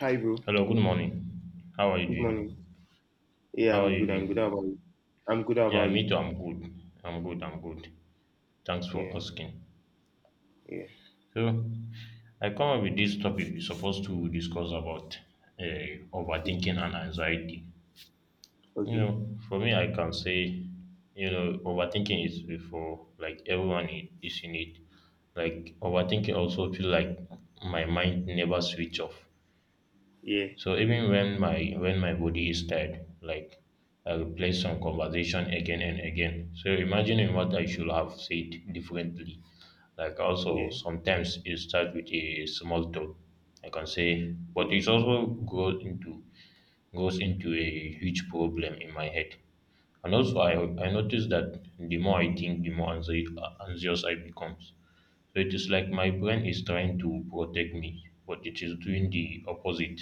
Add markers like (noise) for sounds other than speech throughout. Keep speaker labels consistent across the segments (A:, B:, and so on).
A: Hi, bro.
B: Hello, good morning. How are you
A: Good
B: doing?
A: morning. Yeah,
B: How are
A: I'm
B: you
A: good. I'm good.
B: doing?
A: How about you? I'm good. How
B: Yeah,
A: about
B: me
A: you?
B: too. I'm good. I'm good. Thanks for
A: Yeah,
B: asking.
A: yeah.
B: So, I come up with this topic we're supposed to discuss about overthinking and anxiety.
A: Okay.
B: For me, I can say, overthinking is for like everyone is in it. Like overthinking also feel like my mind never switch off.
A: Yeah,
B: So even when my body is tired, like I will play some conversation again and again. So imagining what I should have said differently. Like also
A: yeah,
B: sometimes it starts with a small talk. I can say,
A: yeah,
B: but it also goes into a huge problem in my head. And also, I notice that the more I think, the more anxious I become. So it is like my brain is trying to protect me, but it is doing the opposite.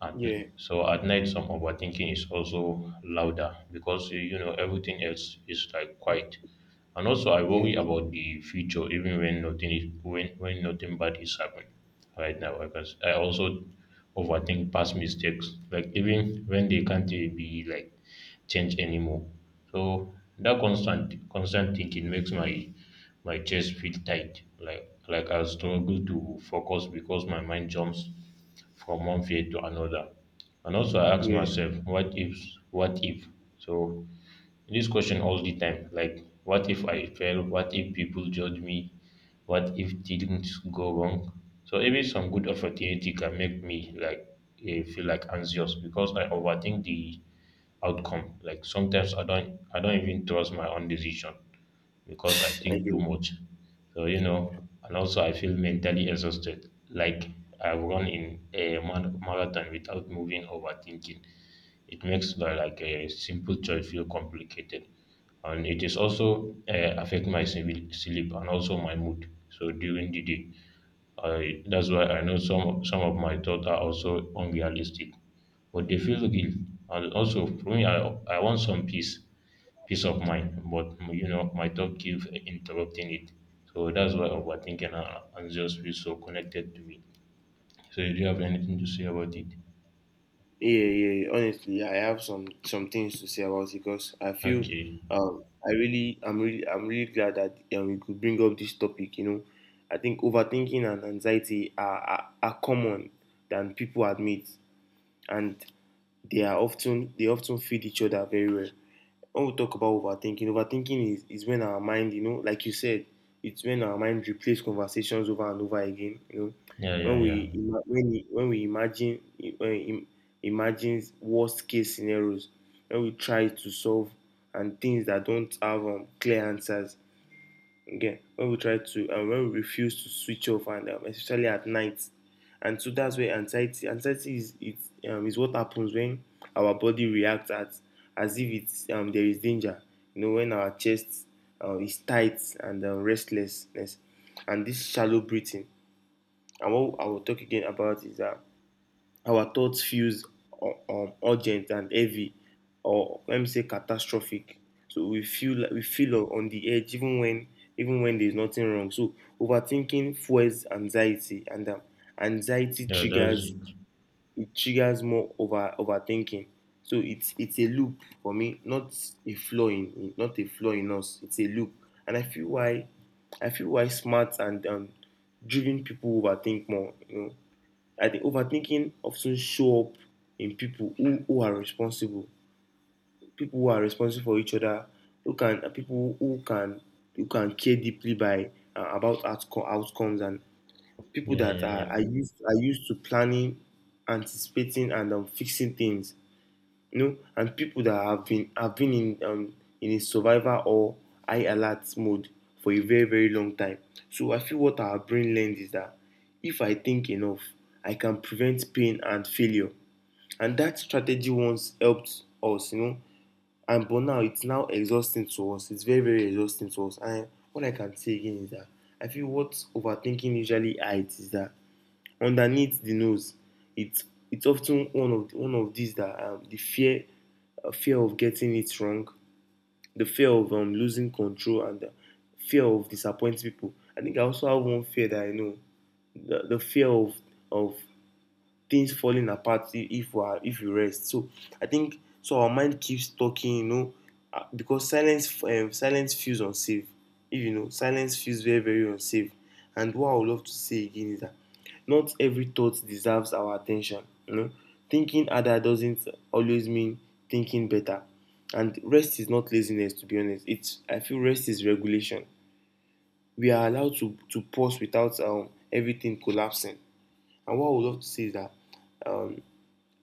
B: At,
A: yeah,
B: so at night, some overthinking is also louder because you know everything else is like quiet. And also, I
A: yeah,
B: worry about the future, even when nothing is when nothing bad is happening right now. Because I also overthink past mistakes, like even when they can't be like changed anymore. So that constant thinking makes my chest feel tight, like I struggle to focus because my mind jumps from one faith to another. And also, I ask
A: yeah.
B: myself, what if? So, this question all the time, like, what if I fail? What if people judge me? What if things go wrong? So, even some good opportunity can make me like feel like anxious because I overthink the outcome. Like sometimes I don't even trust my own decision because I
A: I
B: think
A: get.
B: too
A: It.
B: much. So and also I feel mentally exhausted. Like I've run in a marathon without moving overthinking. It makes the, like a simple choice feel complicated, and it is also affect my sleep and also my mood. So during the day, that's why I know some of my thoughts are also unrealistic, but they feel real. And also for me, I want some peace of mind, but you know, my thought keep interrupting it. So that's why overthinking and anxious feel so connected to me. So do you have anything to say about it?
A: Yeah, yeah, yeah. Honestly, yeah, I have some things to say about it because I feel
B: Okay.
A: I'm really glad that we could bring up this topic. You know, I think overthinking and anxiety are common than people admit, and they often feed each other very well. When we talk about overthinking, overthinking is when our mind, you know, like you said, it's when our mind replays conversations over and over again. You know,
B: Yeah,
A: when
B: yeah, yeah.
A: we ima- when we, when we imagine when we im, imagines worst case scenarios, when we try to solve and things that don't have clear answers, yeah, when we refuse to switch off, and especially at night. And so that's where anxiety is what happens when our body reacts at as if it's there is danger. You know, when our chest is tight, and restlessness, and this shallow breathing. And what I will talk again about is that our thoughts feels urgent and heavy, or let me say catastrophic. So we feel on the edge even when there's nothing wrong. So overthinking fuels anxiety, and anxiety
B: Yeah, that's
A: triggers
B: it.
A: it triggers more overthinking. So it's a loop for me, not a flaw in not a flaw in us. It's a loop, and I feel why smart and driven people overthink more. You know, I think overthinking often show up in people who are responsible, people who are responsible for each other, who can people who can care deeply by about outcomes, and people
B: Yeah,
A: that
B: yeah, yeah.
A: are used to planning, anticipating, and fixing things, you know, and people that have been in a survivor or high alert mode for a very, very long time. So I feel what our brain learned is that if I think enough, I can prevent pain and failure. And that strategy once helped us, you know. And But now exhausting to us. It's very, very exhausting to us. And what I can say again is that I feel what overthinking usually hides is that underneath the nose. It's it's often one of these that the fear fear of getting it wrong, the fear of losing control, and the fear of disappointing people. I think I also have one fear that I know, the fear of things falling apart if we rest. So I think so our mind keeps talking, you know, because silence feels unsafe. If You know, silence feels very, very unsafe. And what I would love to say again is that not every thought deserves our attention. You know, thinking harder doesn't always mean thinking better. And rest is not laziness, to be honest. It's I feel rest is regulation. We are allowed to pause without everything collapsing. And what I would love to say is that um,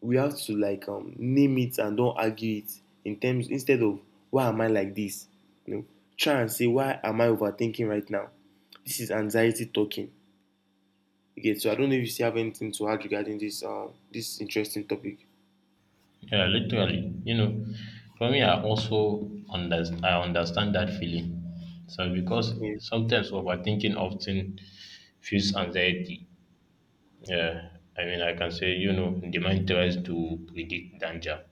A: we have to like name it and don't argue it, in terms instead of, why am I like this? You know, try and say, why am I overthinking right now? This is anxiety talking. Okay, so I don't know if you still have anything to add regarding this interesting topic.
B: Yeah, literally. You know, for me, I also understand. I understand that feeling. So because
A: Yeah,
B: sometimes overthinking often feels anxiety. Yeah, I mean, I can say, you know, the mind tries to predict danger.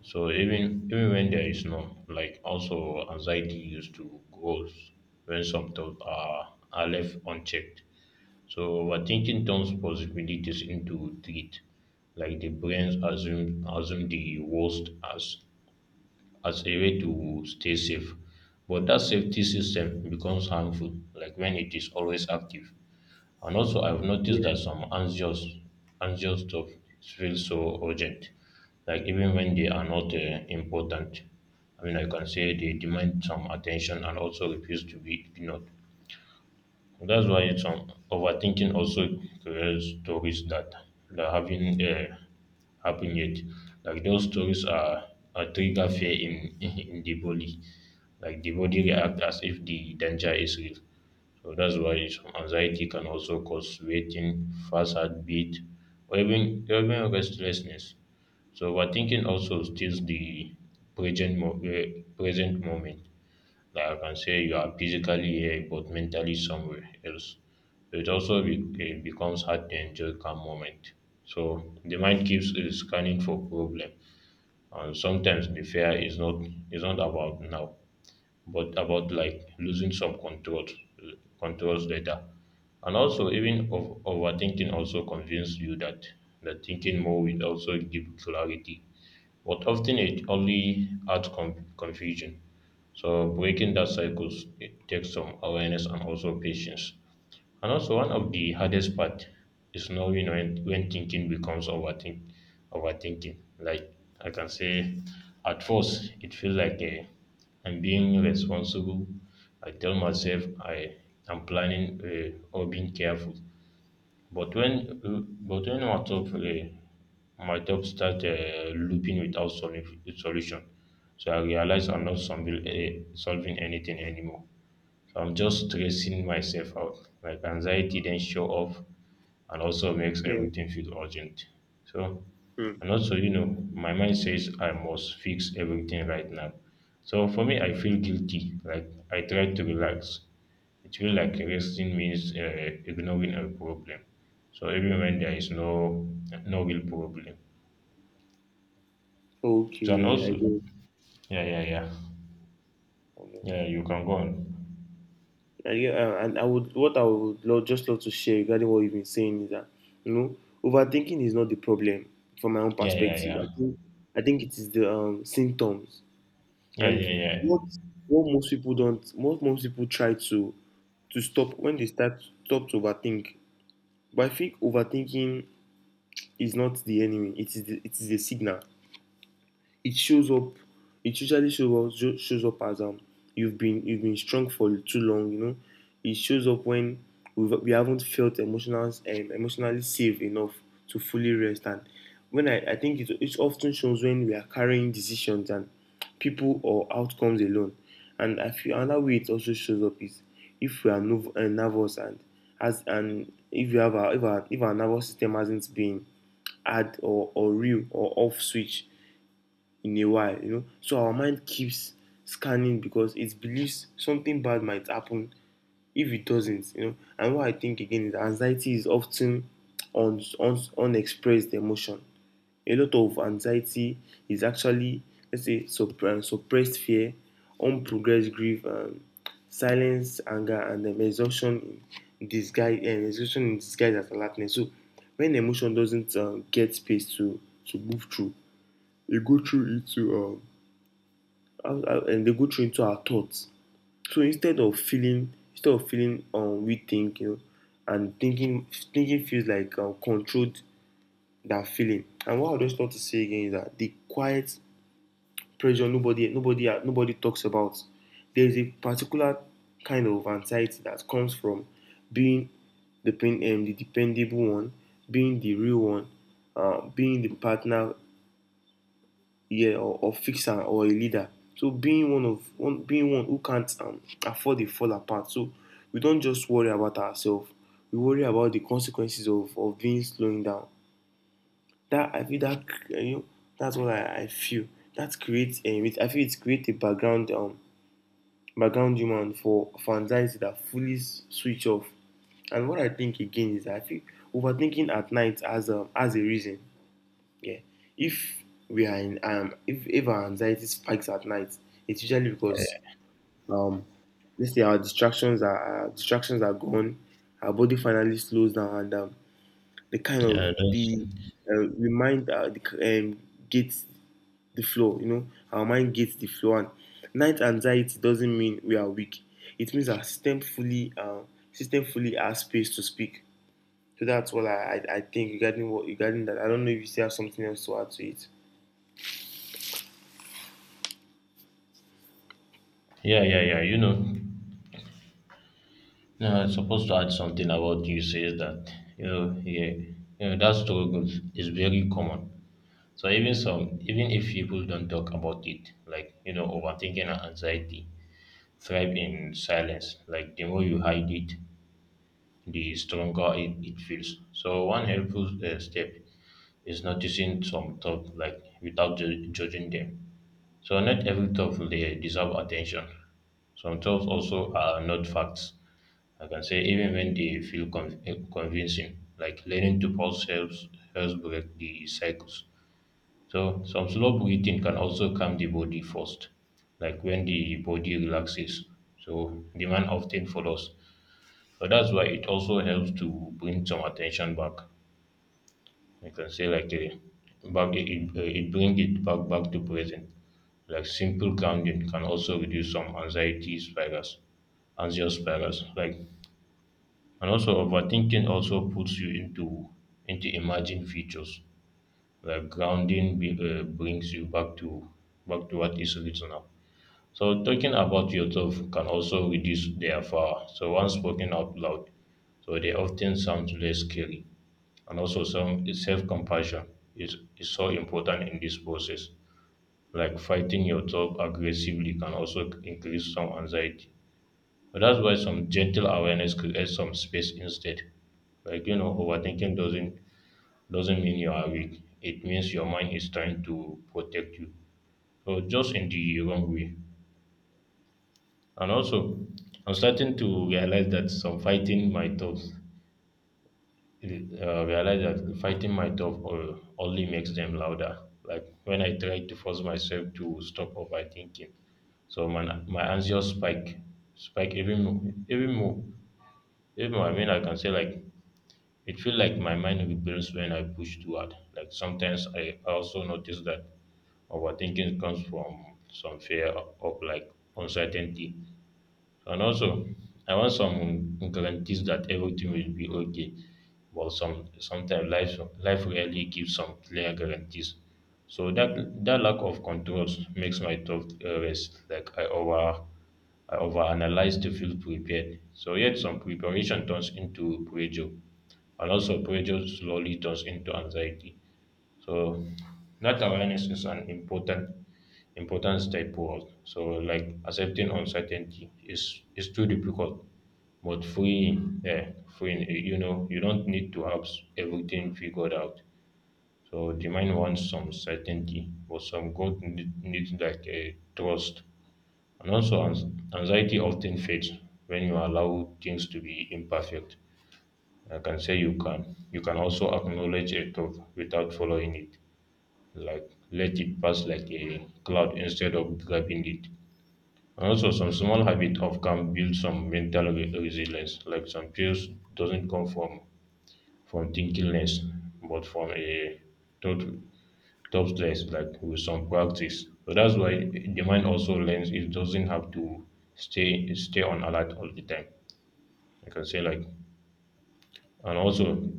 B: So even when there is none, like also anxiety used to grows when some thoughts are left unchecked. So overthinking turns possibilities into threat. Like the brain assume the worst as a way to stay safe. But that safety system becomes harmful, like when it is always active. And also, I've noticed
A: yeah,
B: that anxious stuff feels so urgent, like even when they are not important. I mean, I can say they demand some attention and also refuse to be ignored. That's why it's Overthinking also creates stories that that haven't happened yet. Like those stories are a trigger fear in (laughs) in the body. Like the body react as if the danger is real. So that's why anxiety can also cause waiting, fast heartbeat, or even restlessness. So overthinking also steals the present moment. That I can say you are physically here but mentally somewhere else. So it also it becomes hard to enjoy calm moment. So the mind keeps scanning for problem, and sometimes the fear is not about now, but about like losing some controls later. And also, overthinking also convinces you that that thinking more will also give clarity, but often it only adds confusion. So breaking that cycle, it takes some awareness and also patience. And also one of the hardest part is knowing when thinking becomes overthinking. Like I can say at first it feels like I'm being responsible. I tell myself I am planning or being careful. But when but when my top start looping without solution, so I realized I'm not solving anything anymore. So I'm just stressing myself out. Like anxiety then show up and also makes
A: yeah.
B: everything feel urgent. So
A: Hmm.
B: and also, you know, my mind says I must fix everything right now. So for me, I feel guilty. Like I try to relax. It feels like resting means ignoring a problem. So even when there is no real problem. So and
A: Okay, I
B: also,
A: guess.
B: yeah, yeah, yeah,
A: Okay.
B: yeah. You can go on.
A: I get, and I would what I would love, just love to share regarding what you've been saying is that, you know, overthinking is not the problem. From my own
B: Yeah, yeah,
A: perspective, I
B: yeah,
A: think I think it is the symptoms.
B: yeah,
A: And
B: yeah,
A: what what most people don't, what most people try to stop when they start stop to overthink. But I think overthinking is not the enemy. It is the signal. it shows up it usually shows up as you've been strong for too long, you know. It shows up when we haven't felt emotionally safe enough to fully rest, and I think it often shows when we are carrying decisions and people or outcomes alone. And I feel another way it also shows up is if we are nervous, and as and if you have a, if our nervous system hasn't been add or real or off switch in a while, you know. So our mind keeps scanning because it believes something bad might happen if it doesn't, you know. And what I think again is, anxiety is often unexpressed emotion. A lot of anxiety is actually, let's say, suppressed fear, unprogressed grief, silence, anger, and exhaustion in disguise. Exhaustion in disguise as alertness. So when emotion doesn't get space to move through, you go through it to and they go through into our thoughts. So instead of feeling, we think, you know, and thinking feels like controlled that feeling. And what I just want to say again is that the quiet pressure nobody talks about. There is a particular kind of anxiety that comes from being the dependable one, being the real one, being the partner, yeah, or fixer or a leader. So being being one who can't afford a fall apart. So we don't just worry about ourselves. We worry about the consequences of being slowing down. That, I feel that, you know, that's what I feel. That creates I feel it creates a background background human for anxiety that fully switch off. And what I think again is that I feel overthinking at night as a reason. Yeah. If we are in If our anxiety spikes at night, it's usually because um let's say our distractions are gone, our body finally slows down, and the kind of
B: yeah. Yeah,
A: the the mind gets the flow, you know, our mind gets the flow, and night anxiety doesn't mean we are weak. It means our system fully has space to speak. So that's what I think regarding what regarding that. I don't know if you still have something else to add to it.
B: yeah, yeah, yeah. You know, no, I was supposed to add something about you says that, you know, yeah, you know, that struggle is very common. So even some, even if people don't talk about it, like you know, overthinking and anxiety thrive in silence. Like the more you hide it, the stronger it feels. So one helpful step is noticing some thought, like without judging them. So not every thought will deserve attention. Some thoughts also are not facts. I can say even when they feel convincing, like learning to pause helps break the cycles. So some slow breathing can also calm the body first, like when the body relaxes. So the man often follows. So that's why it also helps to bring some attention back. You can say like a back it, it, it bring it back back to present. Like simple grounding can also reduce some anxious spirals. Like and also overthinking also puts you into imagined futures. Like brings you back to what is written now. So talking about yourself can also reduce their power. So once spoken out loud, so they often sound less scary, and also some self-compassion is so important in this process. Like fighting your thought aggressively can also increase some anxiety. So that's why some gentle awareness creates some space instead. Like you know, overthinking doesn't mean you are weak. It means your mind is trying to protect you. So just in the wrong way. And also, I'm starting to realize that some fighting my thoughts realized that fighting my only makes them louder. Like when I try to force myself to stop overthinking, so my anxious spike even more, even more, even more. I mean, I can say like it feels like my mind rebels when I push too hard. Like sometimes I also notice that overthinking comes from some fear of like uncertainty, and also, I want some guarantees that everything will be okay. But some sometimes life rarely gives some clear guarantees. So that that lack of controls makes my thought rest. Like I overanalyze to feel prepared. So yet some preparation turns into pressure, and also pressure slowly turns into anxiety. So that awareness is an important step forward. So like accepting uncertainty is too difficult, but freeing, yeah, freeing. You know, you don't need to have everything figured out. So the mind wants some certainty, but some growth needs like a trust. And also, anxiety often fades when you allow things to be imperfect. I can say you can. You can also acknowledge a truth without following it, like let it pass like a cloud instead of grabbing it. And also, some small habit of can build some mental resilience. Like some peace doesn't come from thinkingness, but from a thought top stress, like with some practice. So that's why the mind also learns. It doesn't have to stay on alert all the time. I can say like, and also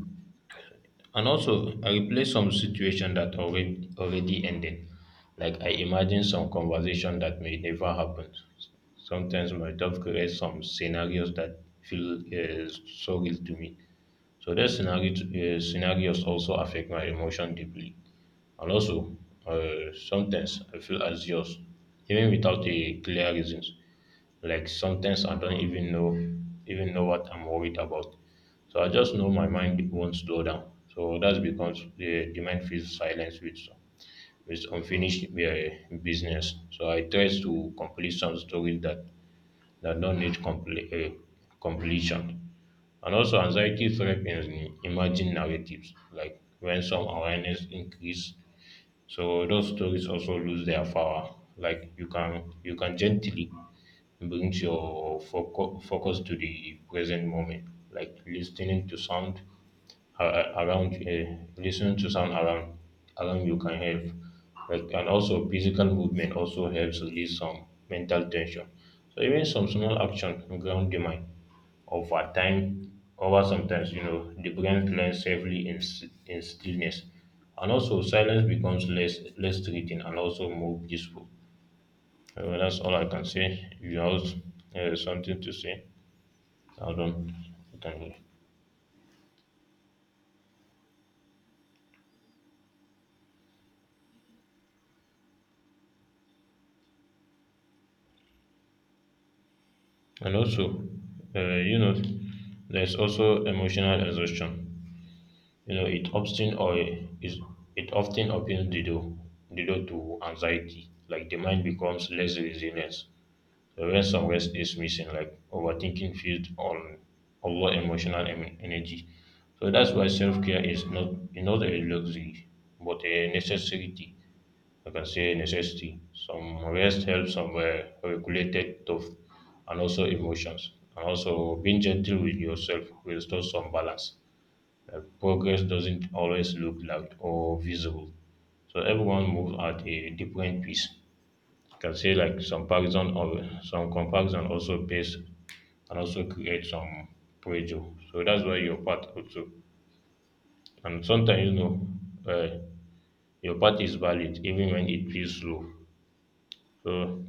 B: and also, I replay some situation that already ended. Like I imagine some conversation that may never happen. Sometimes my myself create some scenarios that feel so real to me. So those scenarios also affect my emotion deeply. And also, sometimes I feel anxious even without a clear reasons. Like sometimes I don't even know what I'm worried about. So I just know my mind won't slow down. So that's because the mind feels silence with unfinished business. So I try to complete some stories that that don't need complete completion. And also anxiety thrive in emerging narratives, like when some awareness increase, so those stories also lose their power. Like you can gently brings your focus to the present moment, like listening to sound a- around listening to sound around you can help. Like and also physical movement also helps release some mental tension, so even some small action ground the mind over time. Over sometimes you know the brain learns safely in, in stillness, and also silence becomes less threatening and also more peaceful. Well, that's all I can say. If you have something to say, Adam? You can. And also, uh, you know, there's also emotional exhaustion. You know, is it often opens the door to anxiety. Like the mind becomes less resilient. So when some rest is missing, like overthinking feeds on energy. So that's why self care is not a luxury, but a necessity. I can say necessity. Some rest helps some regulated stuff and also emotions. And also being gentle with yourself restores some balance. Progress doesn't always look loud or visible. So everyone moves at a different pace. I can say like some comparison also pays and also create some pressure. So that's why your part also. And sometimes you know uh, your part is valid even when it feels slow. So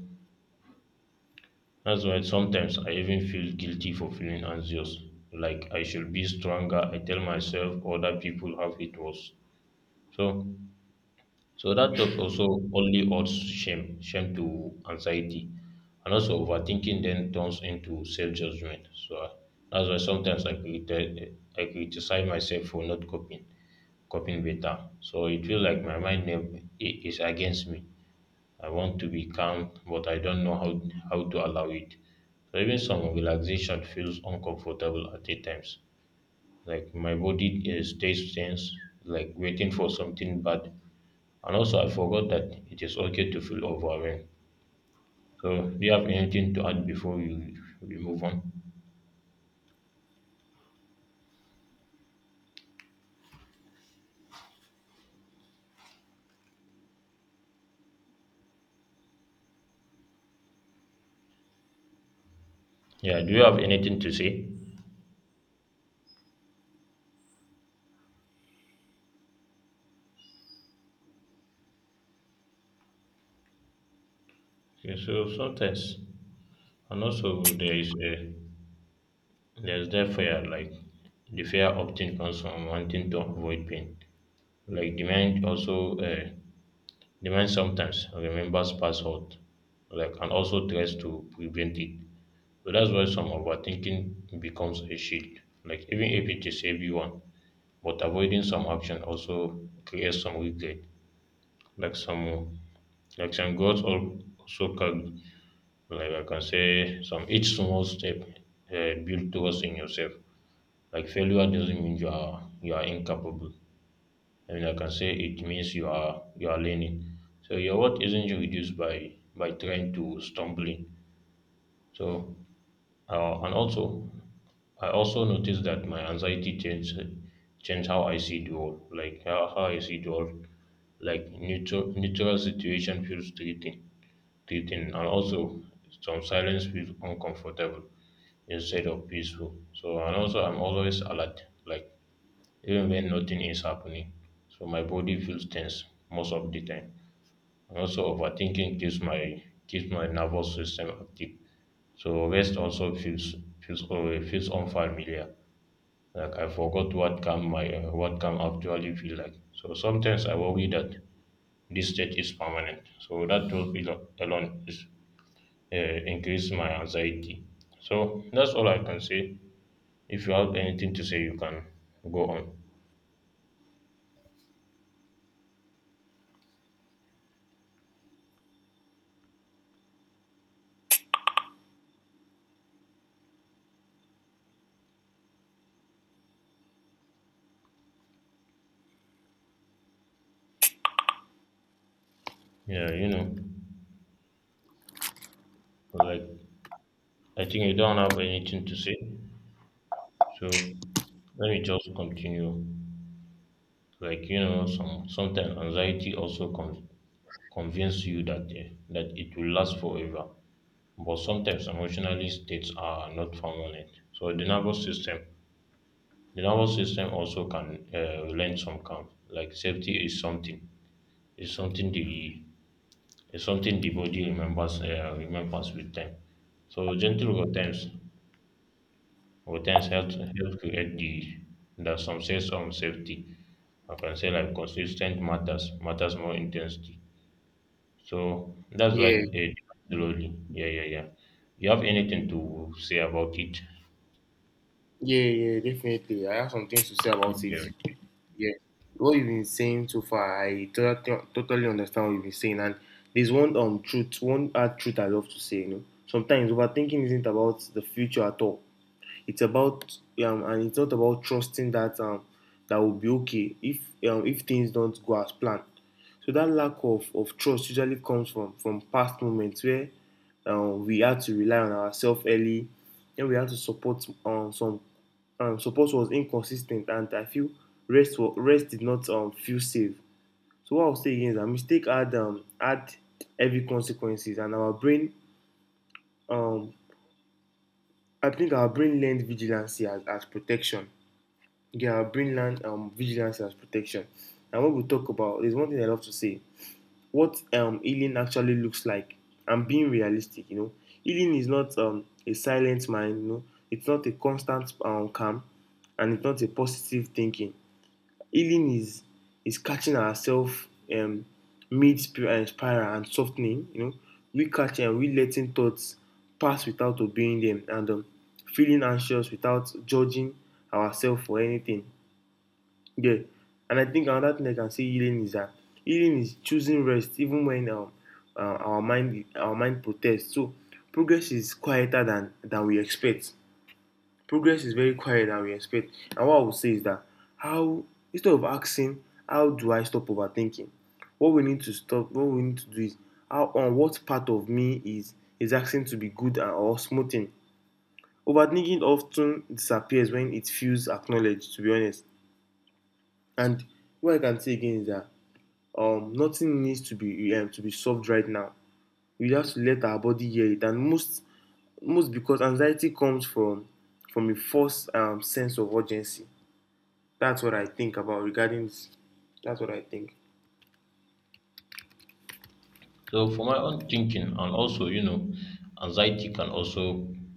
B: that's why sometimes I even feel guilty for feeling anxious. Like I should be stronger. I tell myself other people have it worse. So so that thought also only adds shame to anxiety. And also overthinking then turns into self-judgment. So that's why sometimes I criticize myself for not coping better. So it feels like my mind never, I- is against me. I want to be calm, but I don't know how to allow it. So even some relaxation feels uncomfortable at the times. Like my body stays tense, like waiting for something bad. And also, I forgot that it is okay to feel overwhelmed. So, do you have anything to add before we move on? Yeah, do you have anything to say? Okay, so sometimes, and also there is a there's that fear, like the fear of thing comes from wanting to avoid pain. Like demand also demand sometimes remembers password, like and also tries to prevent it. So that's why some overthinking becomes a shield, like even if it is heavy one. But avoiding some action also creates some regret. Like some, like some goals also can, like I can say some each small step build trust in yourself. Like failure doesn't mean you are incapable, and like I can say, it means you are learning. So your worth isn't reduced by trying to stumbling. So and also, I also noticed that my anxiety changed how I see the world, like how I see the world. Like neutral situation feels treating treating, and also some silence feels uncomfortable instead of peaceful. So and also I'm always alert, like even when nothing is happening. So my body feels tense most of the time. And also overthinking keeps my nervous system active. So rest also feels feels unfamiliar. Like I forgot what calm my what calm actually feel like. So sometimes I worry that this state is permanent. So that thought alone is increase my anxiety. So that's all I can say. If you have anything to say, you can go on. Yeah, you know, like I think you don't have anything to say. So let me just continue. Like you know, sometimes anxiety also convinces you that that it will last forever. But sometimes emotional states are not permanent. So the nervous system also can learn some calm. Like safety is something the is something the body remembers remembers with time. So gentle routines. Routines help create the that some says on safety. I can say like consistent matters more intensity. So that's what
A: Yeah.
B: it slowly. Yeah, yeah, yeah. You have anything to say about it?
A: Yeah, yeah, definitely. I have some things to say about it.
B: Okay.
A: Yeah, what you've been saying so far, I totally, totally understand what you've been saying. And there's one hard truth I love to say. You know, sometimes overthinking isn't about the future at all. It's about and it's not about trusting that that will be okay, if things don't go as planned. So that lack of trust usually comes from past moments where we had to rely on ourselves early, and we had to support some support was inconsistent, and I feel rest did not feel safe. So what I'll say again is that mistake had heavy consequences, and our brain um, I think our brain learned vigilance as protection. Yeah, brainland, vigilance and protection. And what we talk about is one thing I love to say: what healing actually looks like, and being realistic. You know, healing is not a silent mind. You know, it's not a constant calm, and it's not a positive thinking. Healing is catching ourselves um, mid spiral and softening. You know, we catch and we letting thoughts pass without obeying them, and feeling anxious without judging ourselves for anything, yeah. And I think another thing I can say healing is that healing is choosing rest even when our mind protests. So progress is quieter than we expect. Progress is very quiet than we expect. And what I would say is that, how instead of asking how do I stop overthinking, what we need to do is, how on what part of me is asking to be good and or smoothing. Overthinking often disappears when it feels acknowledged. To be honest, and what I can say again is that nothing needs to be solved right now. We have to let our body hear it and most because anxiety comes from a false sense of urgency. That's what I think about regarding this. That's what I think.
B: So for my own thinking, and also you know, anxiety can also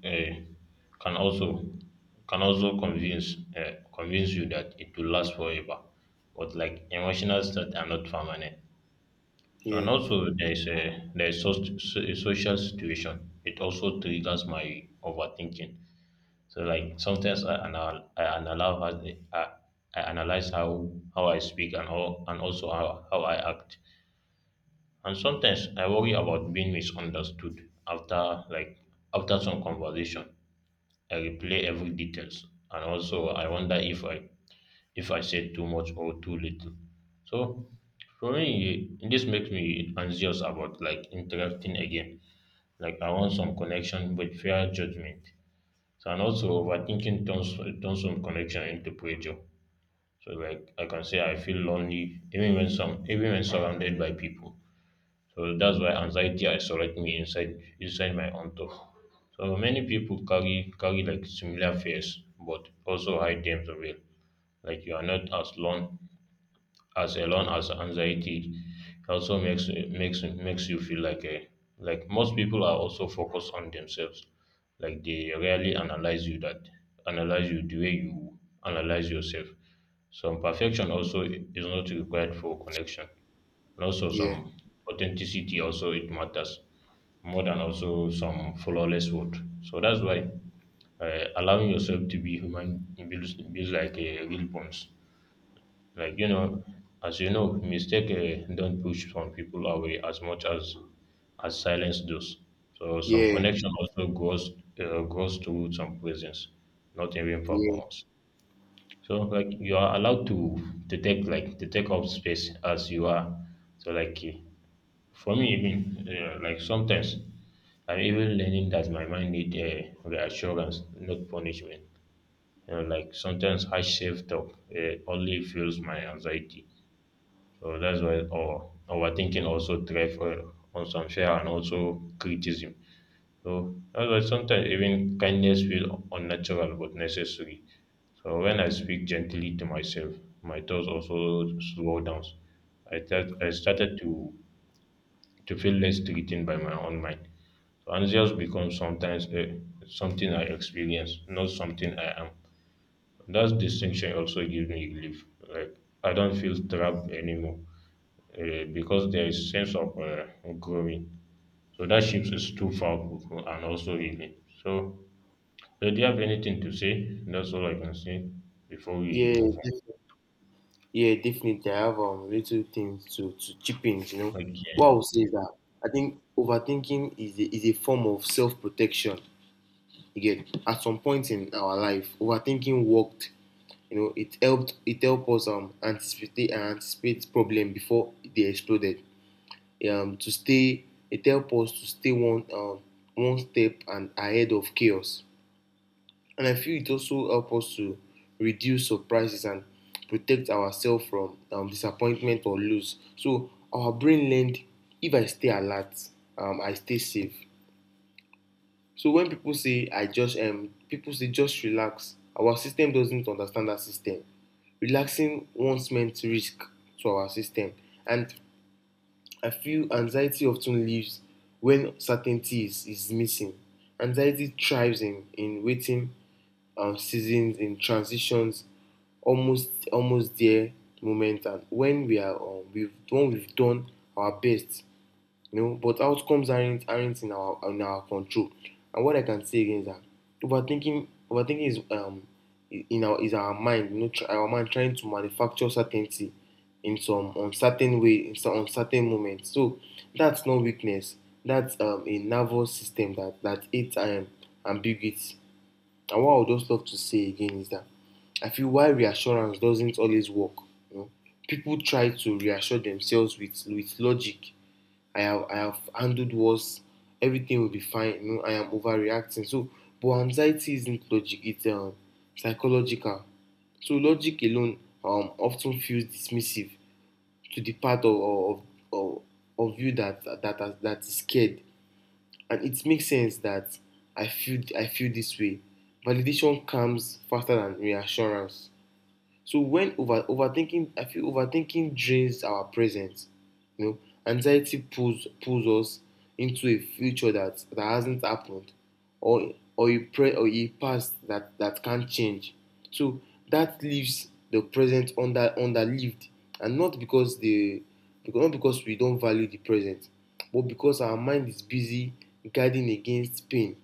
B: uh, can also convince convince you that it will last forever, but like emotional state are not permanent. So
A: Yeah,
B: and also a social situation. It also triggers my overthinking. So like sometimes analyze, I, I analyze how I speak and how and also how I act. And sometimes I worry about being misunderstood after, like after some conversation. I replay every details and also I wonder if I said too much or too little. So for me, this makes me anxious about like interacting again. Like I want some connection but fair judgment. So and also overthinking turns some connection into pressure. So like I can say I feel lonely even when surrounded by people. So that's why anxiety isolates me inside my own thought. So many people carry like similar fears but also hide them the real. Like you are not as lone as alone as anxiety. It also makes you feel like a like most people are also focused on themselves, like they rarely analyze you the way you analyze yourself. Some perfection also is not required for connection, and also some
A: yeah,
B: authenticity also it matters more than also some flawless word. So that's why allowing yourself to be human builds like a real bonds. Like you know, as you know, mistake don't push some people away as much as silence does. So some
A: yeah,
B: connection also goes goes to some presence, not even
A: yeah,
B: performance. So like you are allowed to take like to take up space as you are. So like for me even like sometimes I'm even learning that my mind need reassurance, not punishment. You know, like sometimes harsh self talk only fuels my anxiety. So that's why our thinking also thrive on some fear and also criticism. So that's why sometimes even kindness feel unnatural but necessary. So when I speak gently to myself, my thoughts also slow down. I started to feel less threatened by my own mind. So anxious becomes sometimes a, something I experience, not something I am. That distinction also gives me relief. Like I don't feel trapped anymore because there is sense of growing. So that shift is too powerful and also healing. So, so do you have anything to say? That's all I can say before we
A: yeah
B: move
A: def- yeah, definitely. I have little things to chip in,
B: on.
A: what I
B: Okay.
A: would say is that I think overthinking is a form of self-protection. You get at some point in our life, overthinking worked. You know, it helped us anticipate and anticipate problem before they exploded. To stay It helped us to stay one one step and ahead of chaos. And I feel it also helped us to reduce surprises and protect ourselves from disappointment or loss. So our brain learned, if I stay alert, I stay safe. So when people say just relax, our system doesn't understand that system. Relaxing once meant risk to our system. And I feel anxiety often lives when certainty is missing. Anxiety thrives in waiting seasons, in transitions, almost there moment, and when we've when we've done our best, you know, but outcomes aren't in our control. And what I can say again is that overthinking is in our is our mind, you know, our mind trying to manufacture certainty in some uncertain moment. So that's not weakness. That's a nervous system that hates ambiguity. And what I would just love to say again is that I feel why reassurance doesn't always work. You know, people try to reassure themselves with logic. I have handled worse. Everything will be fine. You know, I am overreacting. So, but anxiety isn't logic. It's psychological. So logic alone often feels dismissive to the part of, of you that is scared, and it makes sense that I feel this way. Validation comes faster than reassurance. So when over overthinking, I feel overthinking drains our present. You know, anxiety pulls us into a future that hasn't happened, or a past that can't change. So that leaves the present under underlived, and not because not because we don't value the present, but because our mind is busy guarding against pain.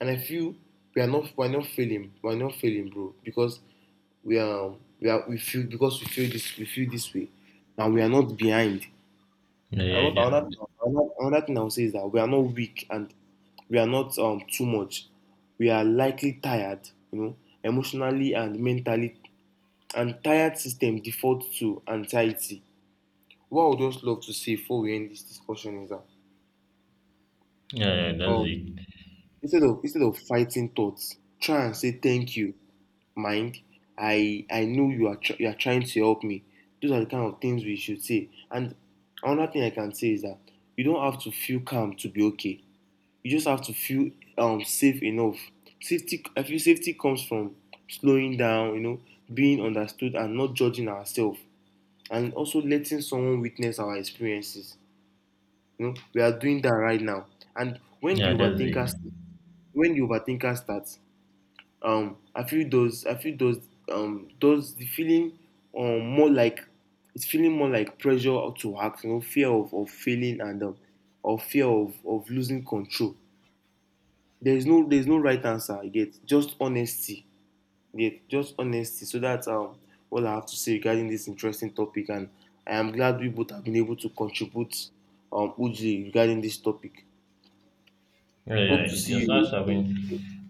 A: And I feel we are not failing, bro, because we are, we are we feel this way and we are not behind.
B: Yeah,
A: And
B: yeah,
A: what
B: yeah.
A: another thing, another, another thing I'll say is that we are not weak and we are not too much. We are likely tired, you know, emotionally and mentally. And tired system defaults to anxiety. What I would just love to say before we end this discussion is that
B: Yeah, yeah, that's
A: um,
B: it.
A: instead of fighting thoughts, try and say thank you. Mind, I know you are you are trying to help me. Those are the kind of things we should say. And another thing I can say is that you don't have to feel calm to be okay. You just have to feel safe enough. Safety I feel safety comes from slowing down, you know, being understood and not judging ourselves, and also letting someone witness our experiences. You know, we are doing that right now. And
B: Yeah, that's it.
A: when the overthinker starts, I feel those the feeling, more like it's feeling more like pressure to act, you know, fear of failing and or fear of losing control. There is no right answer. I get just honesty. Yeah, just honesty. So that's all I have to say regarding this interesting topic, and I am glad we both have been able to contribute Uji regarding this topic.
B: Yeah, yeah.
A: Hope to
B: It
A: see
B: was
A: you.
B: nice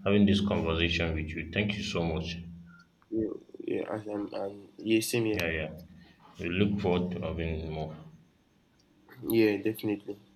B: having this conversation with you. Thank you so much.
A: Yeah, yeah, and yeah, same here.
B: Yeah, yeah. We look forward to having more.
A: Yeah, definitely.